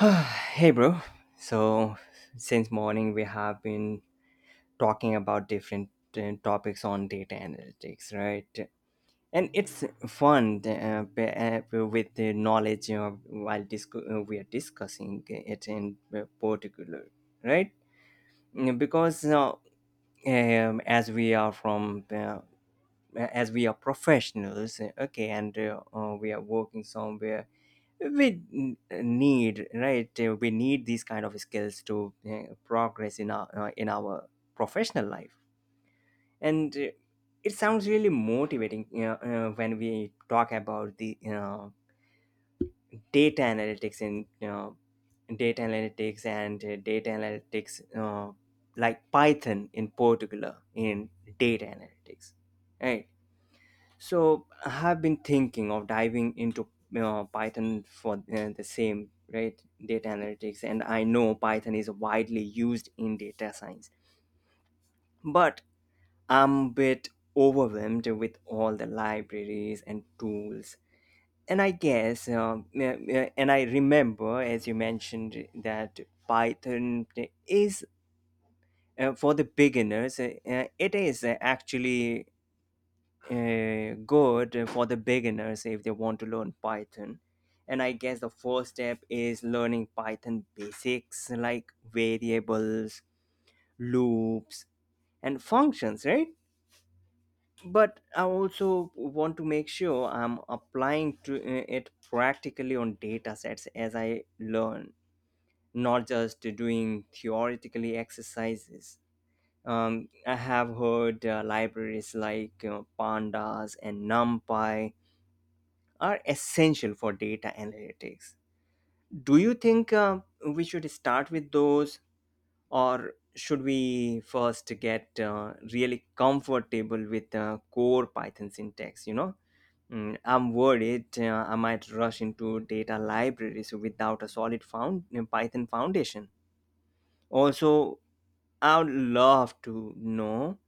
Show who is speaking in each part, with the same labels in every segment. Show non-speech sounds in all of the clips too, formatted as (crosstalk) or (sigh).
Speaker 1: (sighs) Hey bro. So since morning we have been talking about different topics on data analytics, right? And it's fun with the knowledge we are discussing it in particular, right? Mm, because as we are from as we are professionals, okay, and we are working somewhere. We need, right? We need these kind of skills to progress in our professional life. And it sounds really motivating, you know, when we talk about the data analytics and data analytics and data analytics, like Python in particular in data analytics, right? So I have been thinking of diving into you Python for the same, right? Data analytics. And I know Python is widely used in data science, but I'm a bit overwhelmed with all the libraries and tools. And I guess, and I remember, as you mentioned, that Python is for the beginners. It is actually good for the beginners if they want to learn Python. And I guess the first step is learning Python basics like variables, loops, and functions, right? But I also want to make sure I'm applying to it practically on data sets as I learn, not just doing theoretically exercises. I have heard libraries like Pandas and NumPy are essential for data analytics. Do you think we should start with those, or should we first get really comfortable with core Python syntax? You know, mm, I'm worried I might rush into data libraries without a solid found Python foundation. Also, I would love to know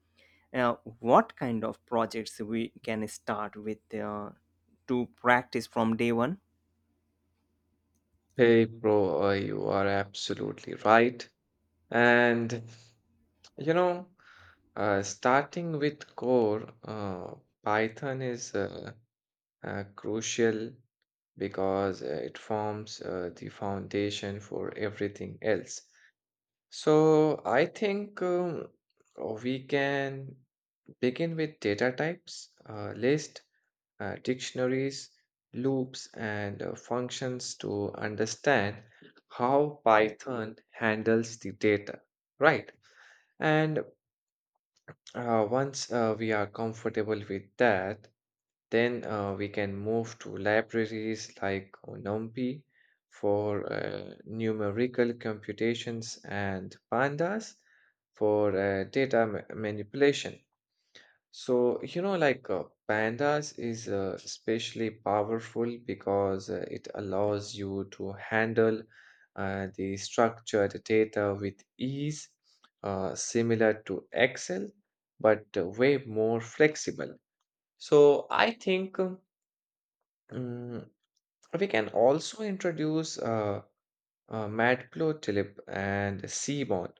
Speaker 1: uh, what kind of projects we can start with to practice from day one.
Speaker 2: Hey, bro, you are absolutely right. And, you know, Starting with core, Python is crucial because it forms the foundation for everything else. So I think we can begin with data types, list, dictionaries, loops, and functions to understand how Python handles the data, right? And once we are comfortable with that, then we can move to libraries like NumPy for numerical computations and pandas for data manipulation. So, you know, pandas is especially powerful because it allows you to handle the structured data with ease, similar to Excel, but way more flexible. So, I think um, we can also introduce matplotlib and cmod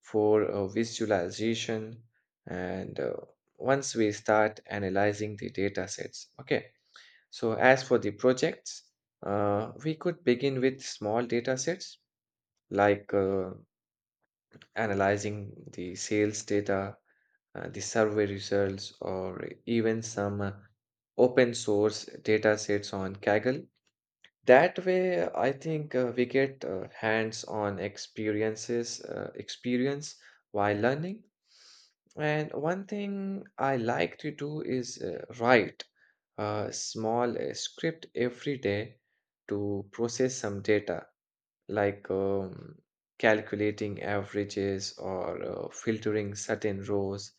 Speaker 2: for visualization and once we start analyzing the data sets, okay. So as for the projects, we could begin with small data sets like analyzing the sales data, the survey results, or even some open source data sets on kaggle. That way, I think we get hands-on experience while learning. And one thing I like to do is write a small script every day to process some data, like calculating averages or filtering certain rows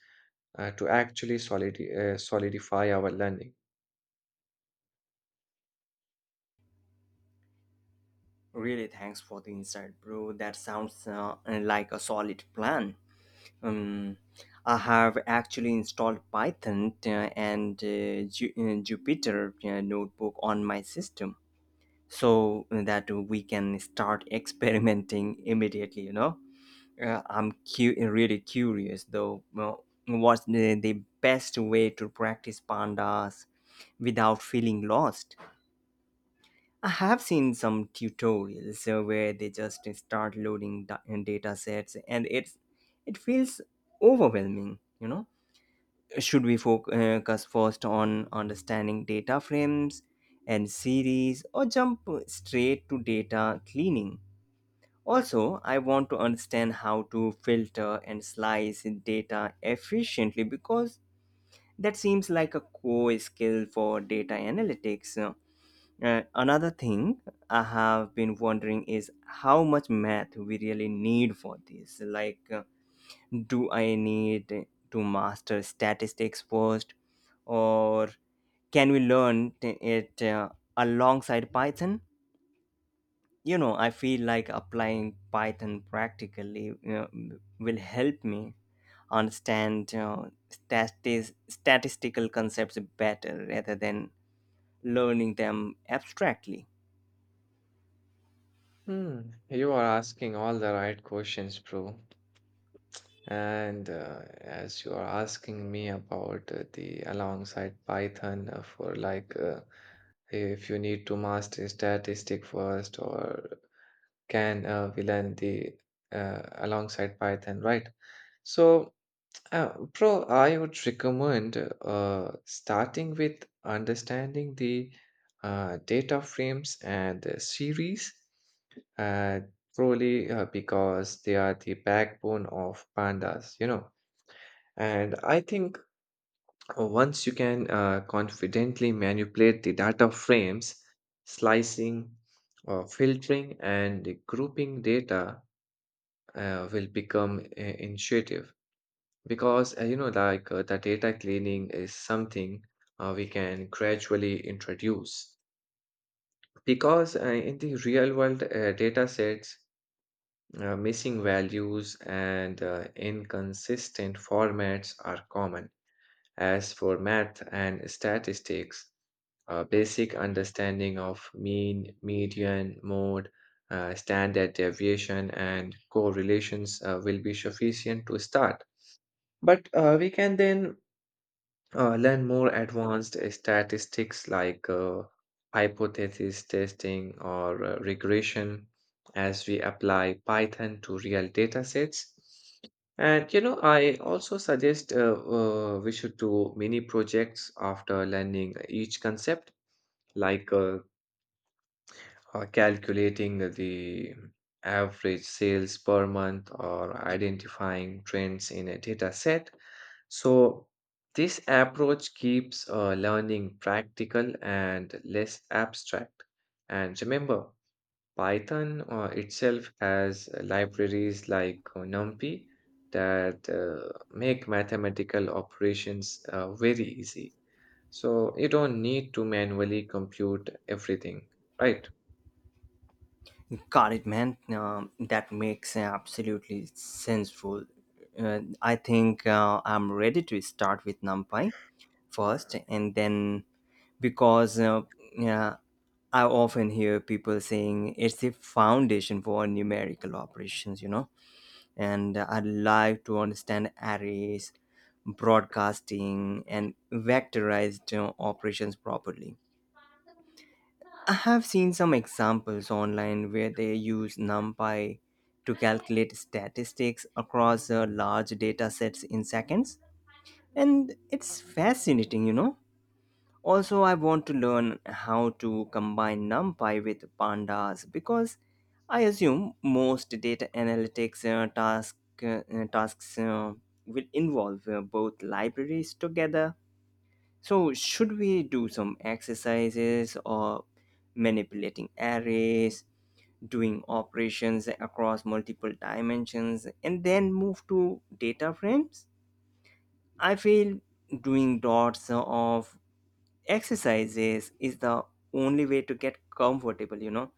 Speaker 2: to actually solidify our learning.
Speaker 1: Really, thanks for the insight, bro. That sounds like a solid plan. Um, I have actually installed Python and Jupyter notebook on my system so that we can start (laughs) experimenting immediately. You know, I'm really curious though. Well, what's the best way to practice pandas without feeling lost? I have seen some tutorials where they just start loading data sets and it feels overwhelming, you know. Should we focus first on understanding data frames and series, or jump straight to data cleaning? Also, I want to understand how to filter and slice data efficiently because that seems like a core skill for data analytics. Another thing I have been wondering is how much math we really need for this. Like, do I need to master statistics first, or can we learn it alongside Python? You know, I feel like applying Python practically you will help me understand statistical concepts better rather than learning them abstractly.
Speaker 2: Hmm, you are asking all the right questions, bro. And as you are asking me about the alongside Python for if you need to master statistic first or can we learn the alongside Python, right? So, bro, I would recommend starting with understanding the data frames and the series, uh, probably because they are the backbone of pandas, you know. And I think once you can confidently manipulate the data frames, slicing, filtering, and grouping data will become intuitive because the data cleaning is something we can gradually introduce. Because in the real world data sets, missing values and inconsistent formats are common. As for math and statistics, a basic understanding of mean, median, mode, standard deviation, and correlations will be sufficient to start. But we can then learn more advanced statistics like hypothesis testing or regression as we apply Python to real data sets. And you know, I also suggest we should do mini projects after learning each concept, like uh, calculating the average sales per month or identifying trends in a data set. So, this approach keeps learning practical and less abstract. And remember, Python itself has libraries like NumPy that make mathematical operations very easy. So, you don't need to manually compute everything, right?
Speaker 1: Got it, man. That makes absolutely senseful. I think I'm ready to start with NumPy first, and then because yeah, I often hear people saying it's the foundation for numerical operations, you know. And I'd like to understand arrays, broadcasting, and vectorized operations properly. I have seen some examples online where they use NumPy to calculate statistics across large data sets in seconds. And it's fascinating, you know. Also, I want to learn how to combine NumPy with pandas because I assume most data analytics tasks will involve both libraries together. So, should we do some exercises or manipulating arrays? Doing operations across multiple dimensions and then move to data frames. I feel doing dots of exercises is the only way to get comfortable, you know.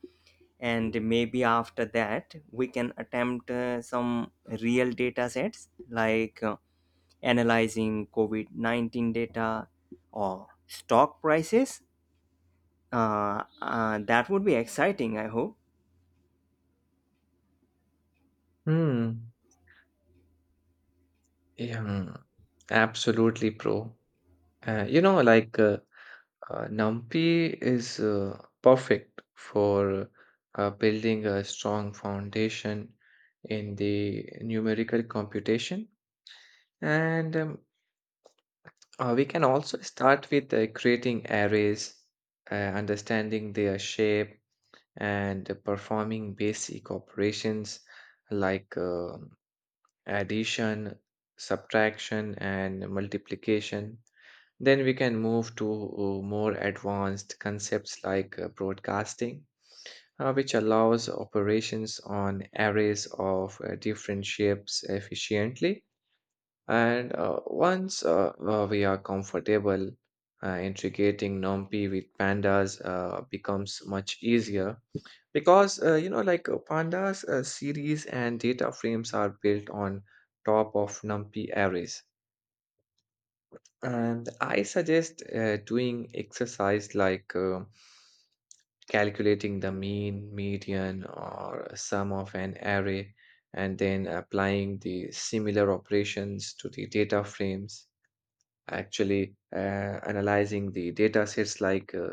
Speaker 1: And maybe after that, we can attempt some real data sets like analyzing COVID 19 data or stock prices. That would be exciting, I hope.
Speaker 2: Hmm. Yeah, mm, absolutely, bro. Uh, you know, like uh, NumPy is perfect for building a strong foundation in the numerical computation. And we can also start with creating arrays, understanding their shape, and performing basic operations like addition, subtraction, and multiplication. Then we can move to more advanced concepts like broadcasting, which allows operations on arrays of different shapes efficiently. And once we are comfortable, integrating NumPy with pandas becomes much easier because pandas series and data frames are built on top of NumPy arrays. And I suggest doing exercise like calculating the mean, median, or sum of an array, and then applying the similar operations to the data frames, actually analyzing the data sets like uh,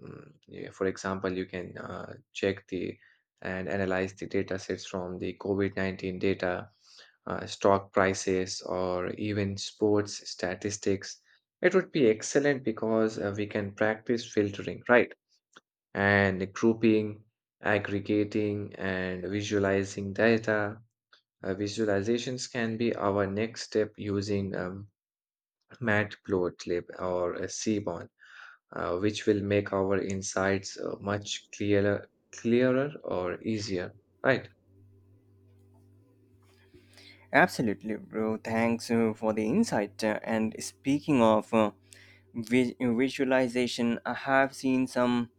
Speaker 2: mm, yeah, for example you can check the and analyze the data sets from the covid-19 data, stock prices, or even sports statistics. It would be excellent because we can practice filtering, right, and grouping, aggregating, and visualizing data. Visualizations can be our next step using Matt Gottlieb or Seaborn, which will make our insights clearer or easier, right?
Speaker 1: Absolutely, bro. Thanks for the insight. And speaking of visualization, I have seen some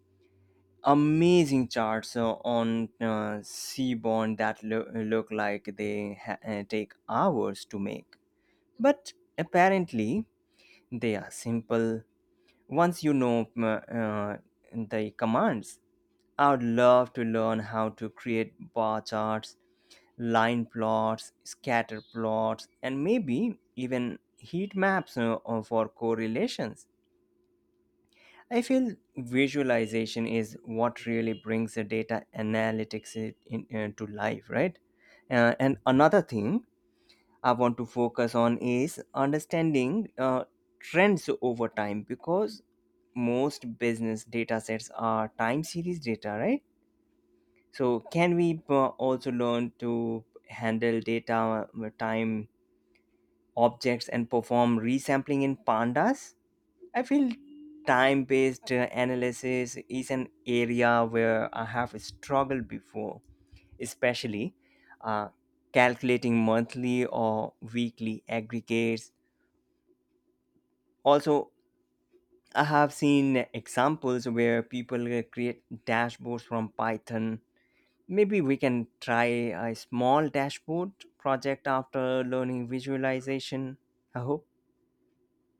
Speaker 1: amazing charts on seaborn that look like they take hours to make. But apparently, they are simple once you know the commands. I would love to learn how to create bar charts, line plots, scatter plots, and maybe even heat maps for correlations. I feel visualization is what really brings the data analytics to life, right? And another thing I want to focus on is understanding trends over time because most business data sets are time series data, right? So, can we also learn to handle data time objects and perform resampling in pandas. I feel time based analysis is an area where I have struggled before, especially uh, calculating monthly or weekly aggregates. Also, I have seen examples where people create dashboards from Python. Maybe we can try a small dashboard project after learning visualization, I hope.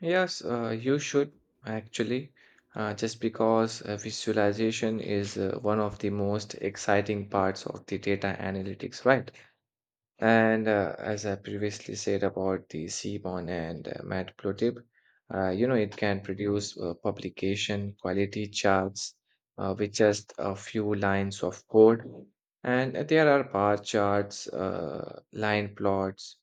Speaker 2: Yes, you should actually, just because visualization is one of the most exciting parts of the data analytics, right? And as I previously said about the Seaborn and Matplotlib, you know, it can produce publication quality charts with just a few lines of code. And there are bar charts, line plots,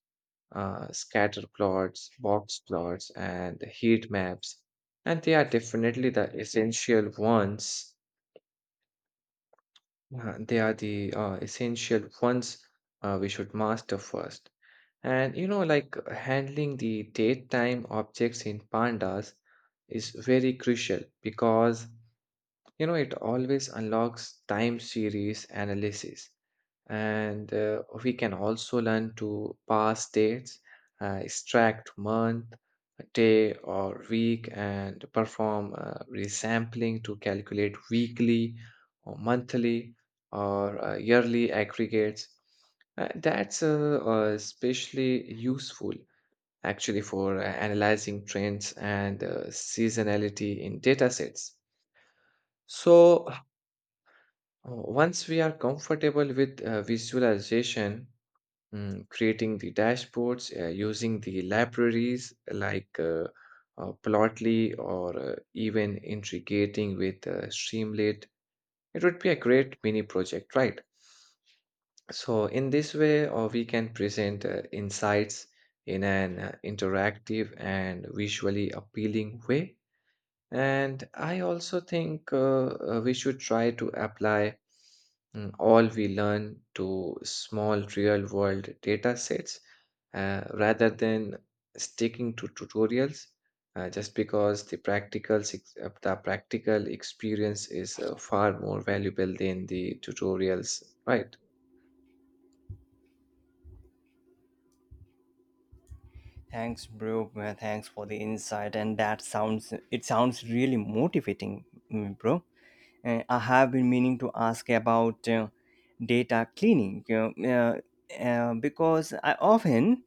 Speaker 2: scatter plots, box plots, and heat maps. And they are definitely the essential ones. They are the Essential ones we should master first. And you know, like handling the daytime objects in pandas is very crucial because you know it always unlocks time series analysis. And we can also learn to pass dates, extract month, day, or week, and perform resampling to calculate weekly or monthly or yearly aggregates. That's especially useful actually for analyzing trends and seasonality in data sets. So, once we are comfortable with visualization, creating the dashboards, using the libraries like Plotly or even integrating with Streamlit. It would be a great mini project, right? So, in this way, we can present insights in an interactive and visually appealing way. And I also think we should try to apply all we learn to small real world data sets rather than sticking to tutorials just because the the practical experience is far more valuable than the tutorials, right?
Speaker 1: Thanks, bro. Thanks for the insight. And it sounds really motivating, mm, bro. I have been meaning to ask about data cleaning, because I often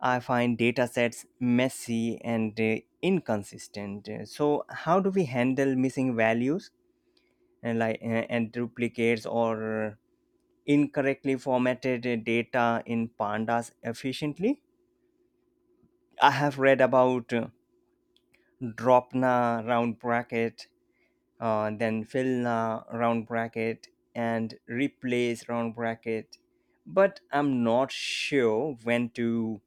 Speaker 1: I find data sets messy and inconsistent. So, how do we handle missing values and and duplicates or incorrectly formatted data in pandas efficiently? I have read about Drop na round bracket, then fill na round bracket, and replace round bracket. But I'm not sure when to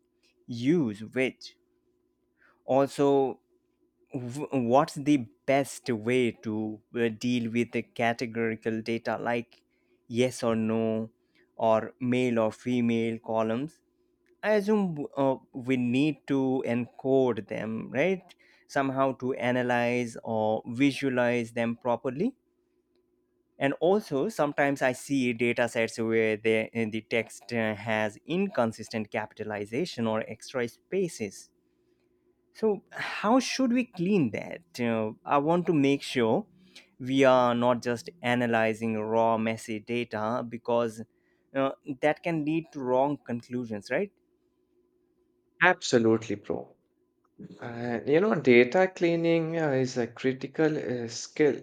Speaker 1: use which. Also, what's the best way to deal with the categorical data like yes or no, or male or female columns? I assume we need to encode them, right? Somehow to analyze or visualize them properly. And also, sometimes I see data sets where the text has inconsistent capitalization or extra spaces. So, how should we clean that? I want to make sure we are not just analyzing raw, messy data because uh, that can lead to wrong conclusions, right?
Speaker 2: Absolutely, bro. You know, data cleaning is a critical skill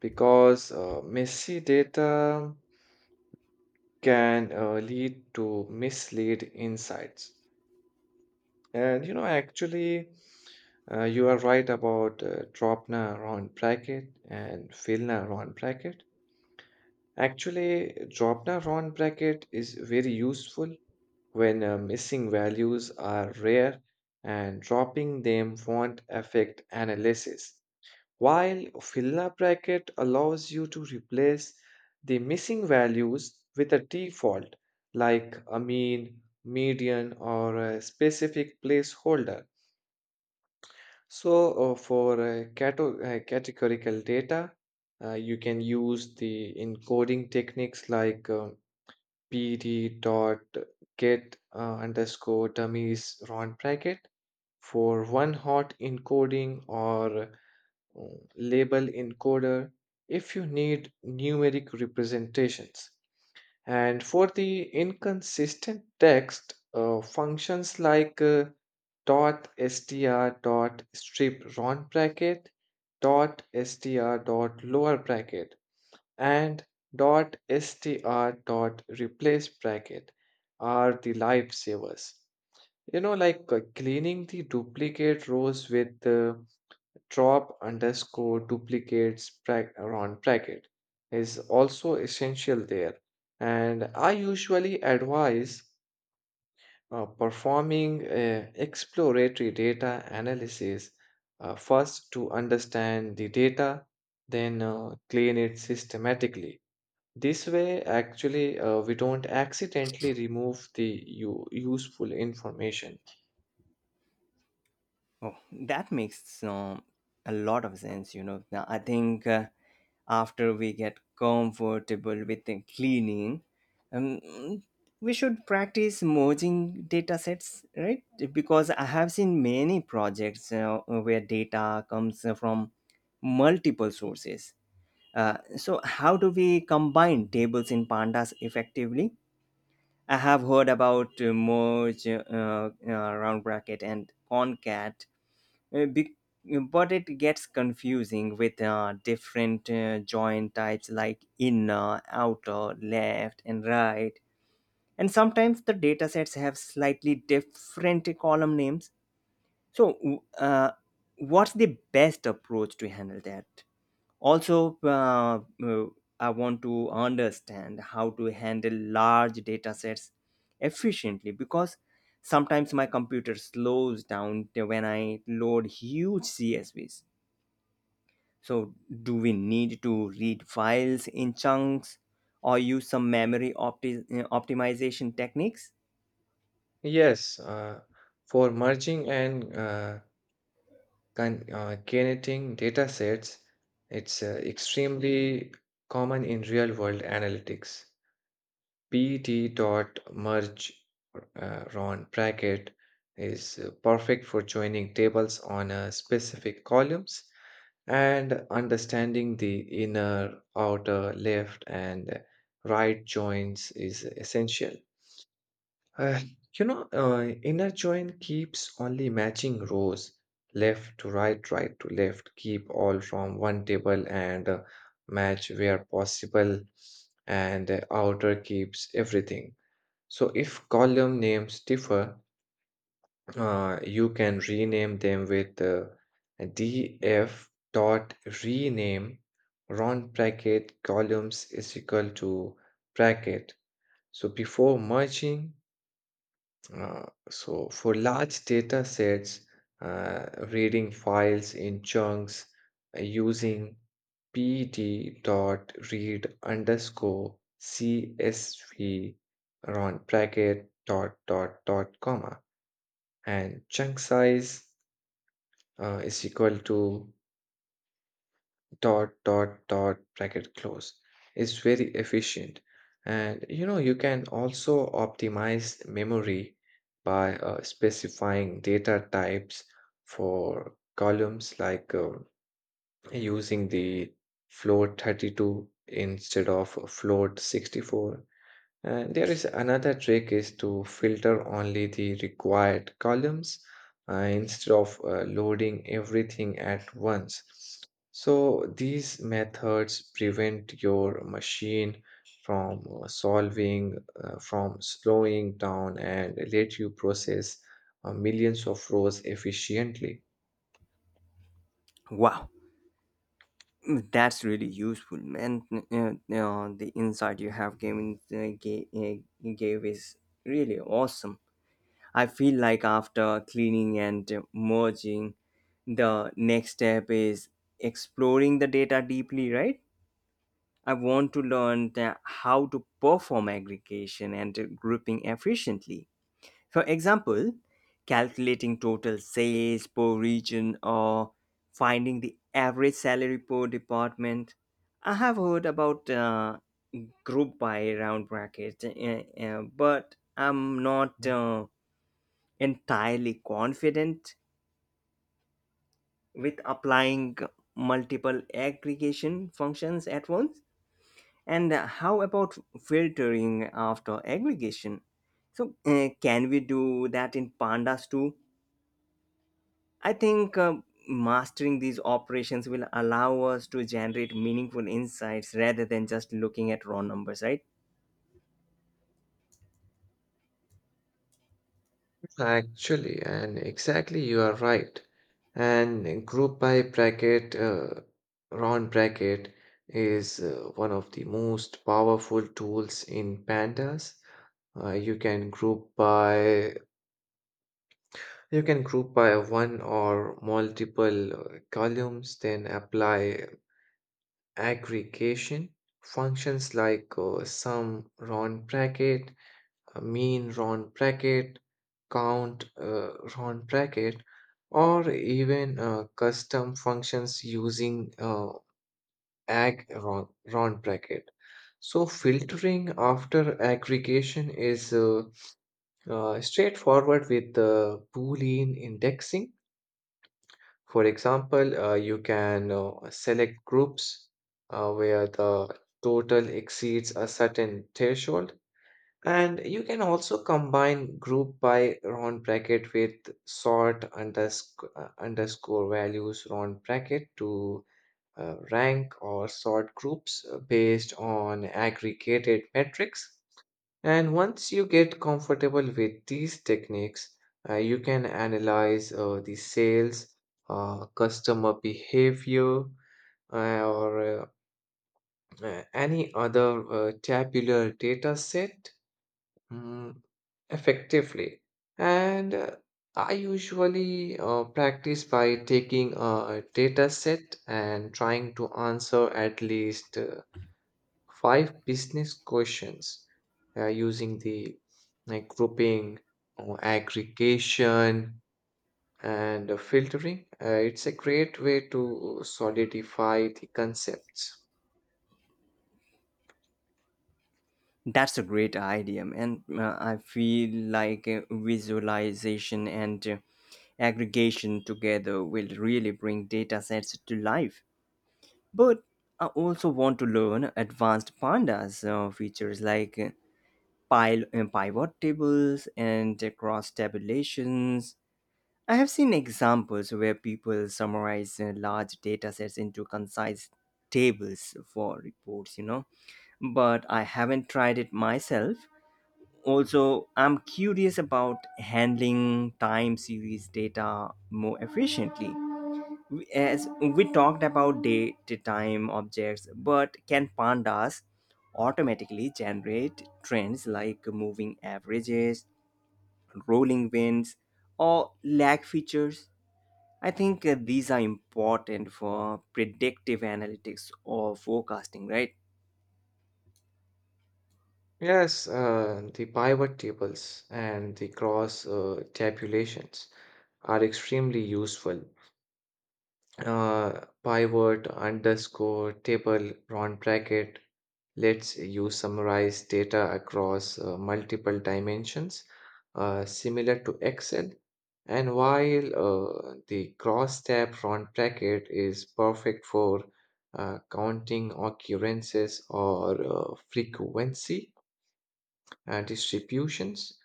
Speaker 2: because messy data can lead to mislead insights. And you know, actually, you are right about Dropna Ron bracket and Filna Ron bracket. Actually, Dropna Ron bracket is very useful when missing values are rare and dropping them won't affect analysis, while Filna bracket allows you to replace the missing values with a default like a mean, median, or a specific placeholder. So, categorical data, you can use the encoding techniques like pd dot get underscore dummies round bracket for one hot encoding or uh, label encoder if you need numeric representations. And for the inconsistent text, functions like dot str dot strip round bracket, dot str dot lower bracket, and dot str dot replace bracket are the lifesavers. You know, cleaning the duplicate rows with drop underscore duplicates around bracket is also essential there. And I usually advise performing exploratory data analysis first to understand the data, then clean it systematically. This way, actually, we don't accidentally remove the useful information.
Speaker 1: Oh, that makes a lot of sense. You know, now I think after we get comfortable with the cleaning, um, we should practice merging data sets, right? Because I have seen many projects where data comes from multiple sources. So, how do we combine tables in pandas effectively? I have heard about merge round bracket, and concat uh, be- but it gets confusing with different join types like inner, outer, left, and right. And sometimes the datasets have slightly different column names. So, what's the best approach to handle that? Also, I want to understand how to handle large data sets efficiently because sometimes my computer slows down when I load huge csvs. So do we need to read files in chunks or use some memory optimization techniques?
Speaker 2: Yes, for merging and curating data sets, it's extremely common in real world analytics. PET dot merge Ron bracket is perfect for joining tables on specific columns, and understanding the inner, outer, left, and right joins is essential. Uh, Inner join keeps only matching rows, left to right, right to left, keep all from one table and match where possible, and outer keeps everything. So if column names differ, you can rename them with df dot rename round bracket columns is equal to bracket, so before merging. So for large data sets, uh, reading files in chunks using pd.read underscore csv around bracket dot dot dot comma and chunk size is equal to dot dot dot bracket close is very efficient. And you know you can also optimize memory by specifying data types for columns, like using the float 32 instead of float 64. And there is another trick: is to filter only the required columns instead of loading everything at once. So these methods prevent your machine from from slowing down and let you process millions of rows efficiently.
Speaker 1: Wow, that's really useful, man. The insight you have gave is really awesome. I feel like after cleaning and merging, the next step is exploring the data deeply, right? I want to learn how to perform aggregation and grouping efficiently. For example, calculating total sales per region or finding the average salary per department. I have heard about group by round bracket, but I'm not entirely confident with applying multiple aggregation functions at once. And how about filtering after aggregation? So, can we do that in pandas too? I think mastering these operations will allow us to generate meaningful insights rather than just looking at raw numbers, right?
Speaker 2: Actually, and exactly you are right. And round bracket is one of the most powerful tools in pandas. Uh, you can group by you can group by one or multiple columns, then apply aggregation functions like sum round bracket, mean Ron Brackett, Count Ron Brackett, or even custom functions using ag Ron, Ron Brackett. So filtering after aggregation is straightforward with Boolean indexing. For example, you can select groups where the total exceeds a certain threshold. And you can also combine group by round bracket with sort underscore values round bracket to rank or sort groups based on aggregated metrics. And once you get comfortable with these techniques, you can analyze the sales, customer behavior, or any other tabular data set Mm, effectively. And I usually practice by taking a data set and trying to answer at least five business questions using the like grouping or aggregation and filtering. It's a great way to solidify the concepts.
Speaker 1: That's a great idea, and I feel like visualization and aggregation together will really bring data sets to life. But I also want to learn advanced pandas features like pivot tables and cross tabulations. I have seen examples where people summarize large data sets into concise tables for reports, you know, but I haven't tried it myself. Also, I'm curious about handling time series data more efficiently. As we talked about date time objects, but can pandas automatically generate trends like moving averages, rolling winds, or lag features? I think these are important for predictive analytics or forecasting, right?
Speaker 2: Yes, the pivot tables and the cross tabulations are extremely useful. Pivot, underscore, table, round bracket lets you summarize data across multiple dimensions, similar to Excel. And while the cross tab round bracket is perfect for counting occurrences or frequency distributions,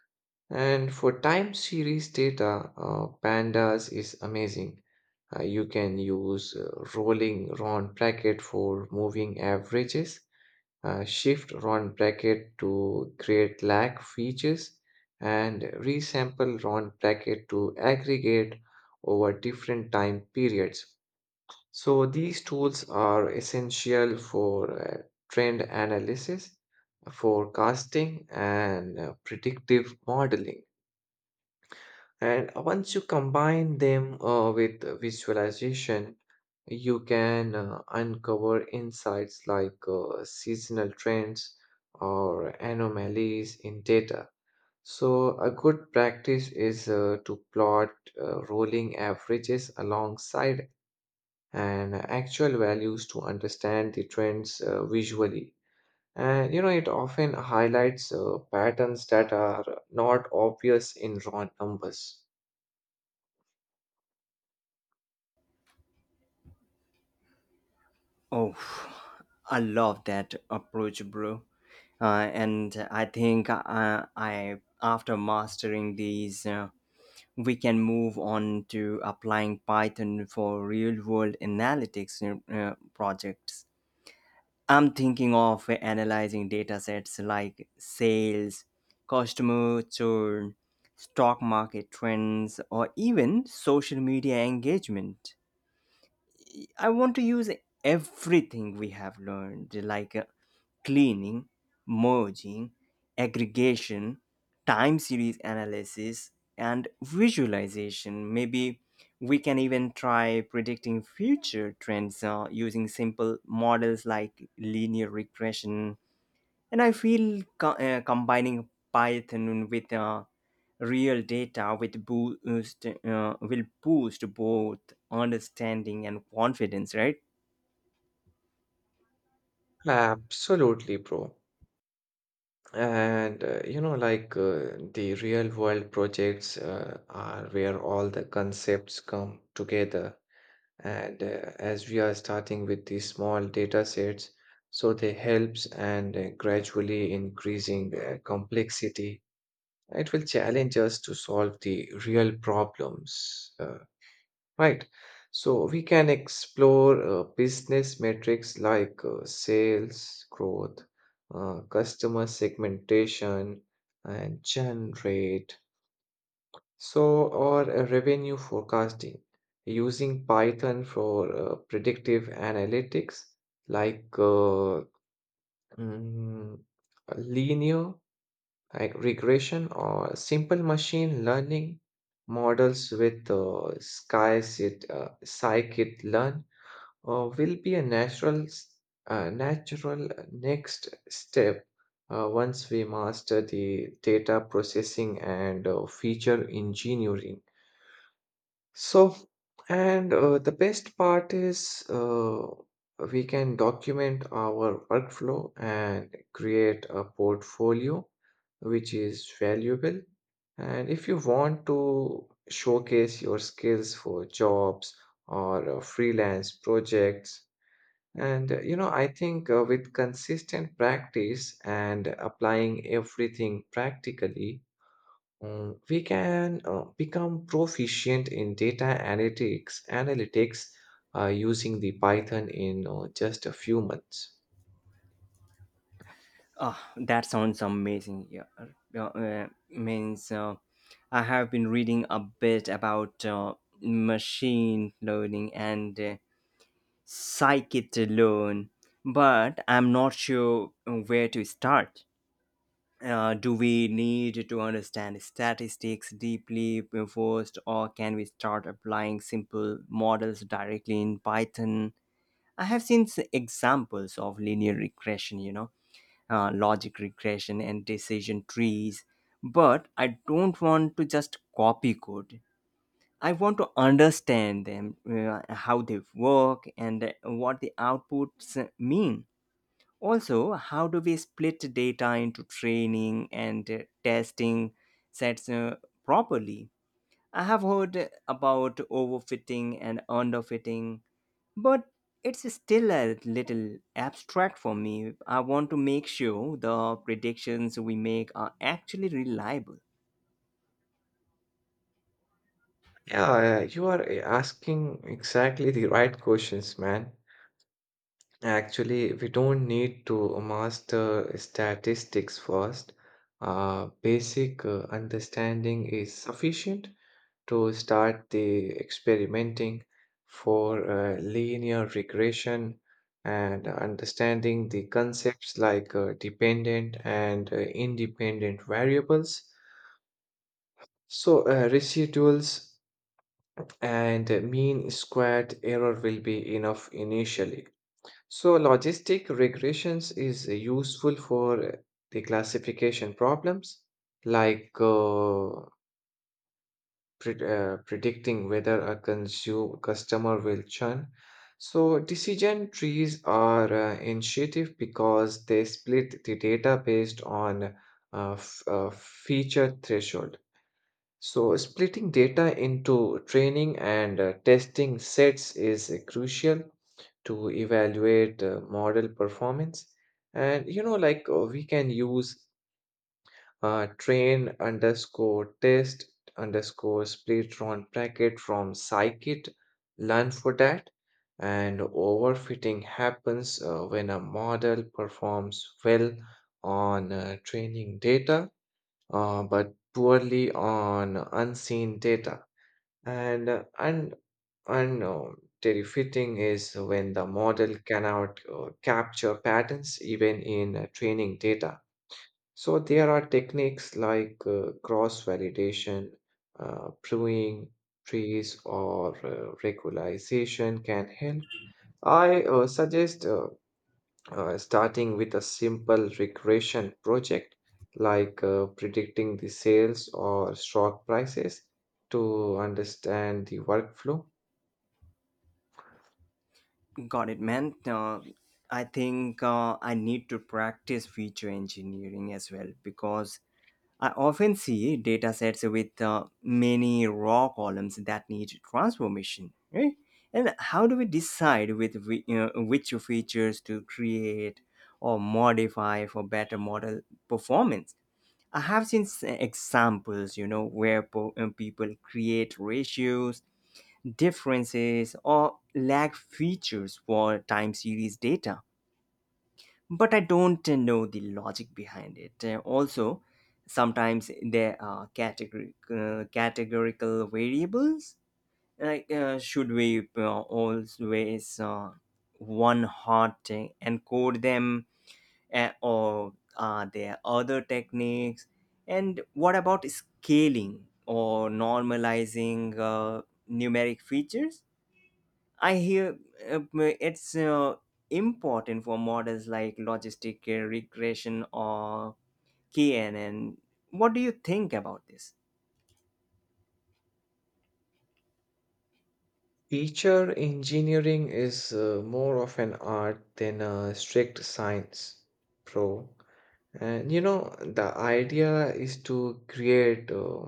Speaker 2: and for time series data, pandas is amazing. You can use rolling round bracket for moving averages, shift round bracket to create lag features, and resample round bracket to aggregate over different time periods. So these tools are essential for trend analysis, forecasting, and predictive modeling. And once you combine them with visualization, you can uncover insights like seasonal trends or anomalies in data. So, a good practice is to plot rolling averages alongside and actual values to understand the trends visually. And you know, it often highlights patterns that are not obvious in raw numbers.
Speaker 1: Oh, I love that approach, bro. And I think after mastering these, we can move on to applying Python for real-world analytics projects. I'm thinking of analyzing data sets like sales, customer churn, stock market trends, or even social media engagement. I want to use everything we have learned, like cleaning, merging, aggregation, time series analysis, and visualization. Maybe we can even try predicting future trends using simple models like linear regression. And I feel combining Python with real data with boost will boost both understanding and confidence, right?
Speaker 2: Absolutely, bro. And you know, the real world projects are where all the concepts come together. And as we are starting with these small data sets, so they helps and gradually increasing complexity. It will challenge us to solve the real problems. Right. So we can explore business metrics like sales growth, customer segmentation, and churn rate. So, or revenue forecasting using Python for predictive analytics like mm, linear like regression or simple machine learning models with sky scikit-learn will be a natural next step once we master the data processing and feature engineering so and the best part is we can document our workflow and create a portfolio which is valuable, and if you want to showcase your skills for jobs or freelance projects. And you know, I think with consistent practice and applying everything practically, we can become proficient in data analytics, using the Python in just a few months.
Speaker 1: Ah, that sounds amazing. Yeah, means I have been reading a bit about machine learning and scikit-learn, but I'm not sure where to start. Do we need to understand statistics deeply first, or can we start applying simple models directly in Python? I have seen examples of linear regression, you know, logic regression and decision trees, but I don't want to just copy code. I want to understand them, how they work, and what the outputs mean. Also, how do we split data into training and testing sets properly? I have heard about overfitting and underfitting, but it's still a little abstract for me. I want to make sure the predictions we make are actually reliable.
Speaker 2: Yeah, you are asking exactly the right questions, man. Actually, we don't need to master statistics first. Basic understanding is sufficient to start the experimenting for linear regression and understanding the concepts like dependent and independent variables. So, residuals and mean squared error will be enough initially. So, logistic regressions is useful for the classification problems like predicting whether a customer will churn. So, decision trees are intuitive because they split the data based on feature threshold. So, splitting data into training and testing sets is crucial to evaluate model performance. And you know, we can use train underscore test underscore splitron bracket from scikit learn for that, and overfitting happens when a model performs well on training data but poorly on unseen data and uh, and and terrifying is when the model cannot capture patterns even in training data. So there are techniques like cross-validation, pruning trees, or regularization can help. I suggest starting with a simple regression project like predicting the sales or stock prices to understand the workflow.
Speaker 1: Got it, man. I think I need to practice feature engineering as well because I often see datasets with many raw columns that need transformation, right? And how do we decide which features to create or modify for better model performance? I have seen examples, you know, where people create ratios, differences, or lag features for time series data, but I don't know the logic behind it. Also, sometimes there are categorical variables. Like, should we always uh, one hot encode them, or are there other techniques? And what about scaling or normalizing numeric features? I hear it's important for models like logistic regression or KNN. What do you think about this?
Speaker 2: Teacher engineering is more of an art than a strict science, bro. And you know, the idea is to create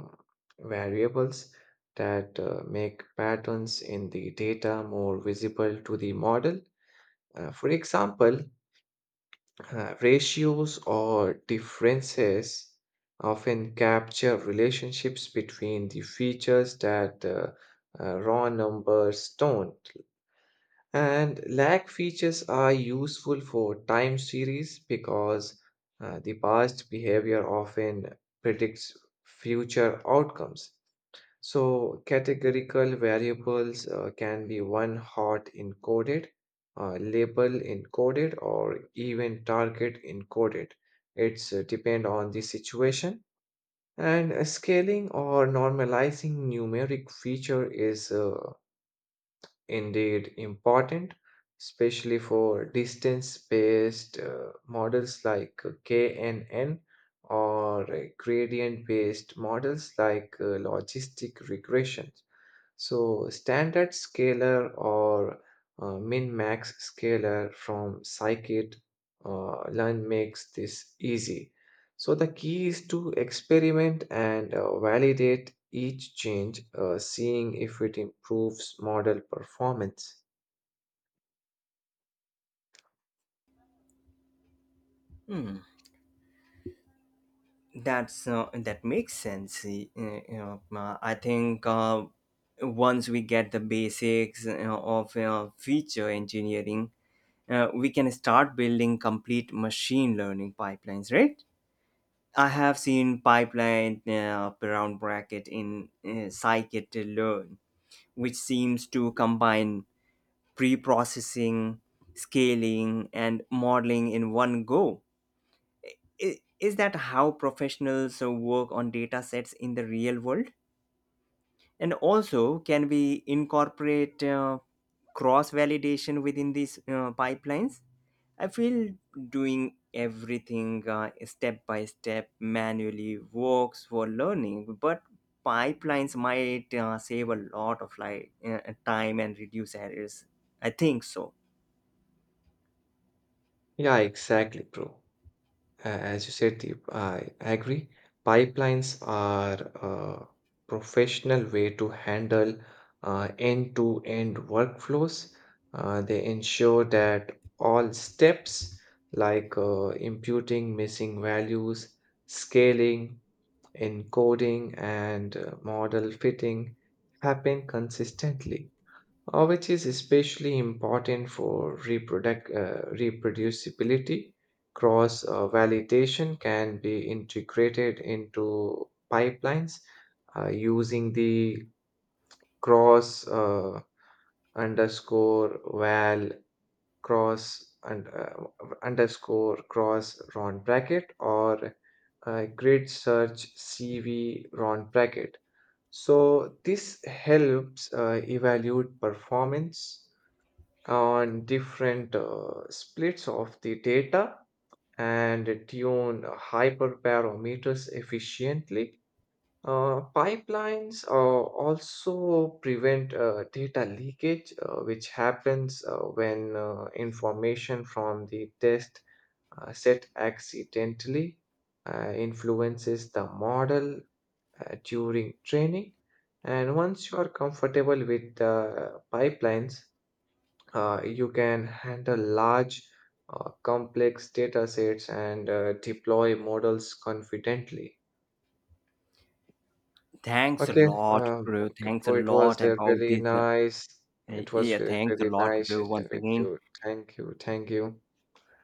Speaker 2: variables that make patterns in the data more visible to the model. For example, ratios or differences often capture relationships between the features that raw numbers don't. And lag features are useful for time series because the past behavior often predicts future outcomes. So, categorical variables can be one hot encoded, label encoded, or even target encoded. It's depend on the situation. And scaling or normalizing numeric feature is indeed important, especially for distance-based models like KNN or gradient-based models like logistic regression. So standard scalar or min-max scalar from scikit learn makes this easy. So the key is to experiment and validate each change, seeing if it improves model performance.
Speaker 1: Hmm. That makes sense. You know, I think once we get the basics of feature engineering, we can start building complete machine learning pipelines, right? I have seen pipeline round bracket in scikit-learn, which seems to combine pre processing, scaling, and modeling in one go. I- Is that how professionals work on data sets in the real world? And also, can we incorporate cross validation within these pipelines? I feel doing everything step by step manually works for learning, but pipelines might save a lot of time and reduce errors, I think so.
Speaker 2: Yeah, exactly, bro. As you said, I agree. Pipelines are a professional way to handle end-to-end workflows. They ensure that all steps like imputing missing values, scaling, encoding, and model fitting happen consistently, which is especially important for reproducibility. Cross validation can be integrated into pipelines using the cross underscore val cross and underscore cross round bracket or grid search CV round bracket. So this helps evaluate performance on different splits of the data and tune hyperparameters efficiently. Pipelines also prevent data leakage, which happens when information from the test set accidentally influences the model during training. And once you are comfortable with the pipelines, you can handle large, complex data sets and deploy models confidently.
Speaker 1: Thanks a
Speaker 2: Okay,
Speaker 1: lot, bro.
Speaker 2: okay,
Speaker 1: Thanks a
Speaker 2: bro,
Speaker 1: lot about this.
Speaker 2: it was
Speaker 1: Yeah,
Speaker 2: very,
Speaker 1: thanks a
Speaker 2: very
Speaker 1: lot,
Speaker 2: nice
Speaker 1: bro. Once
Speaker 2: session with
Speaker 1: again.
Speaker 2: you. Thank you, thank you.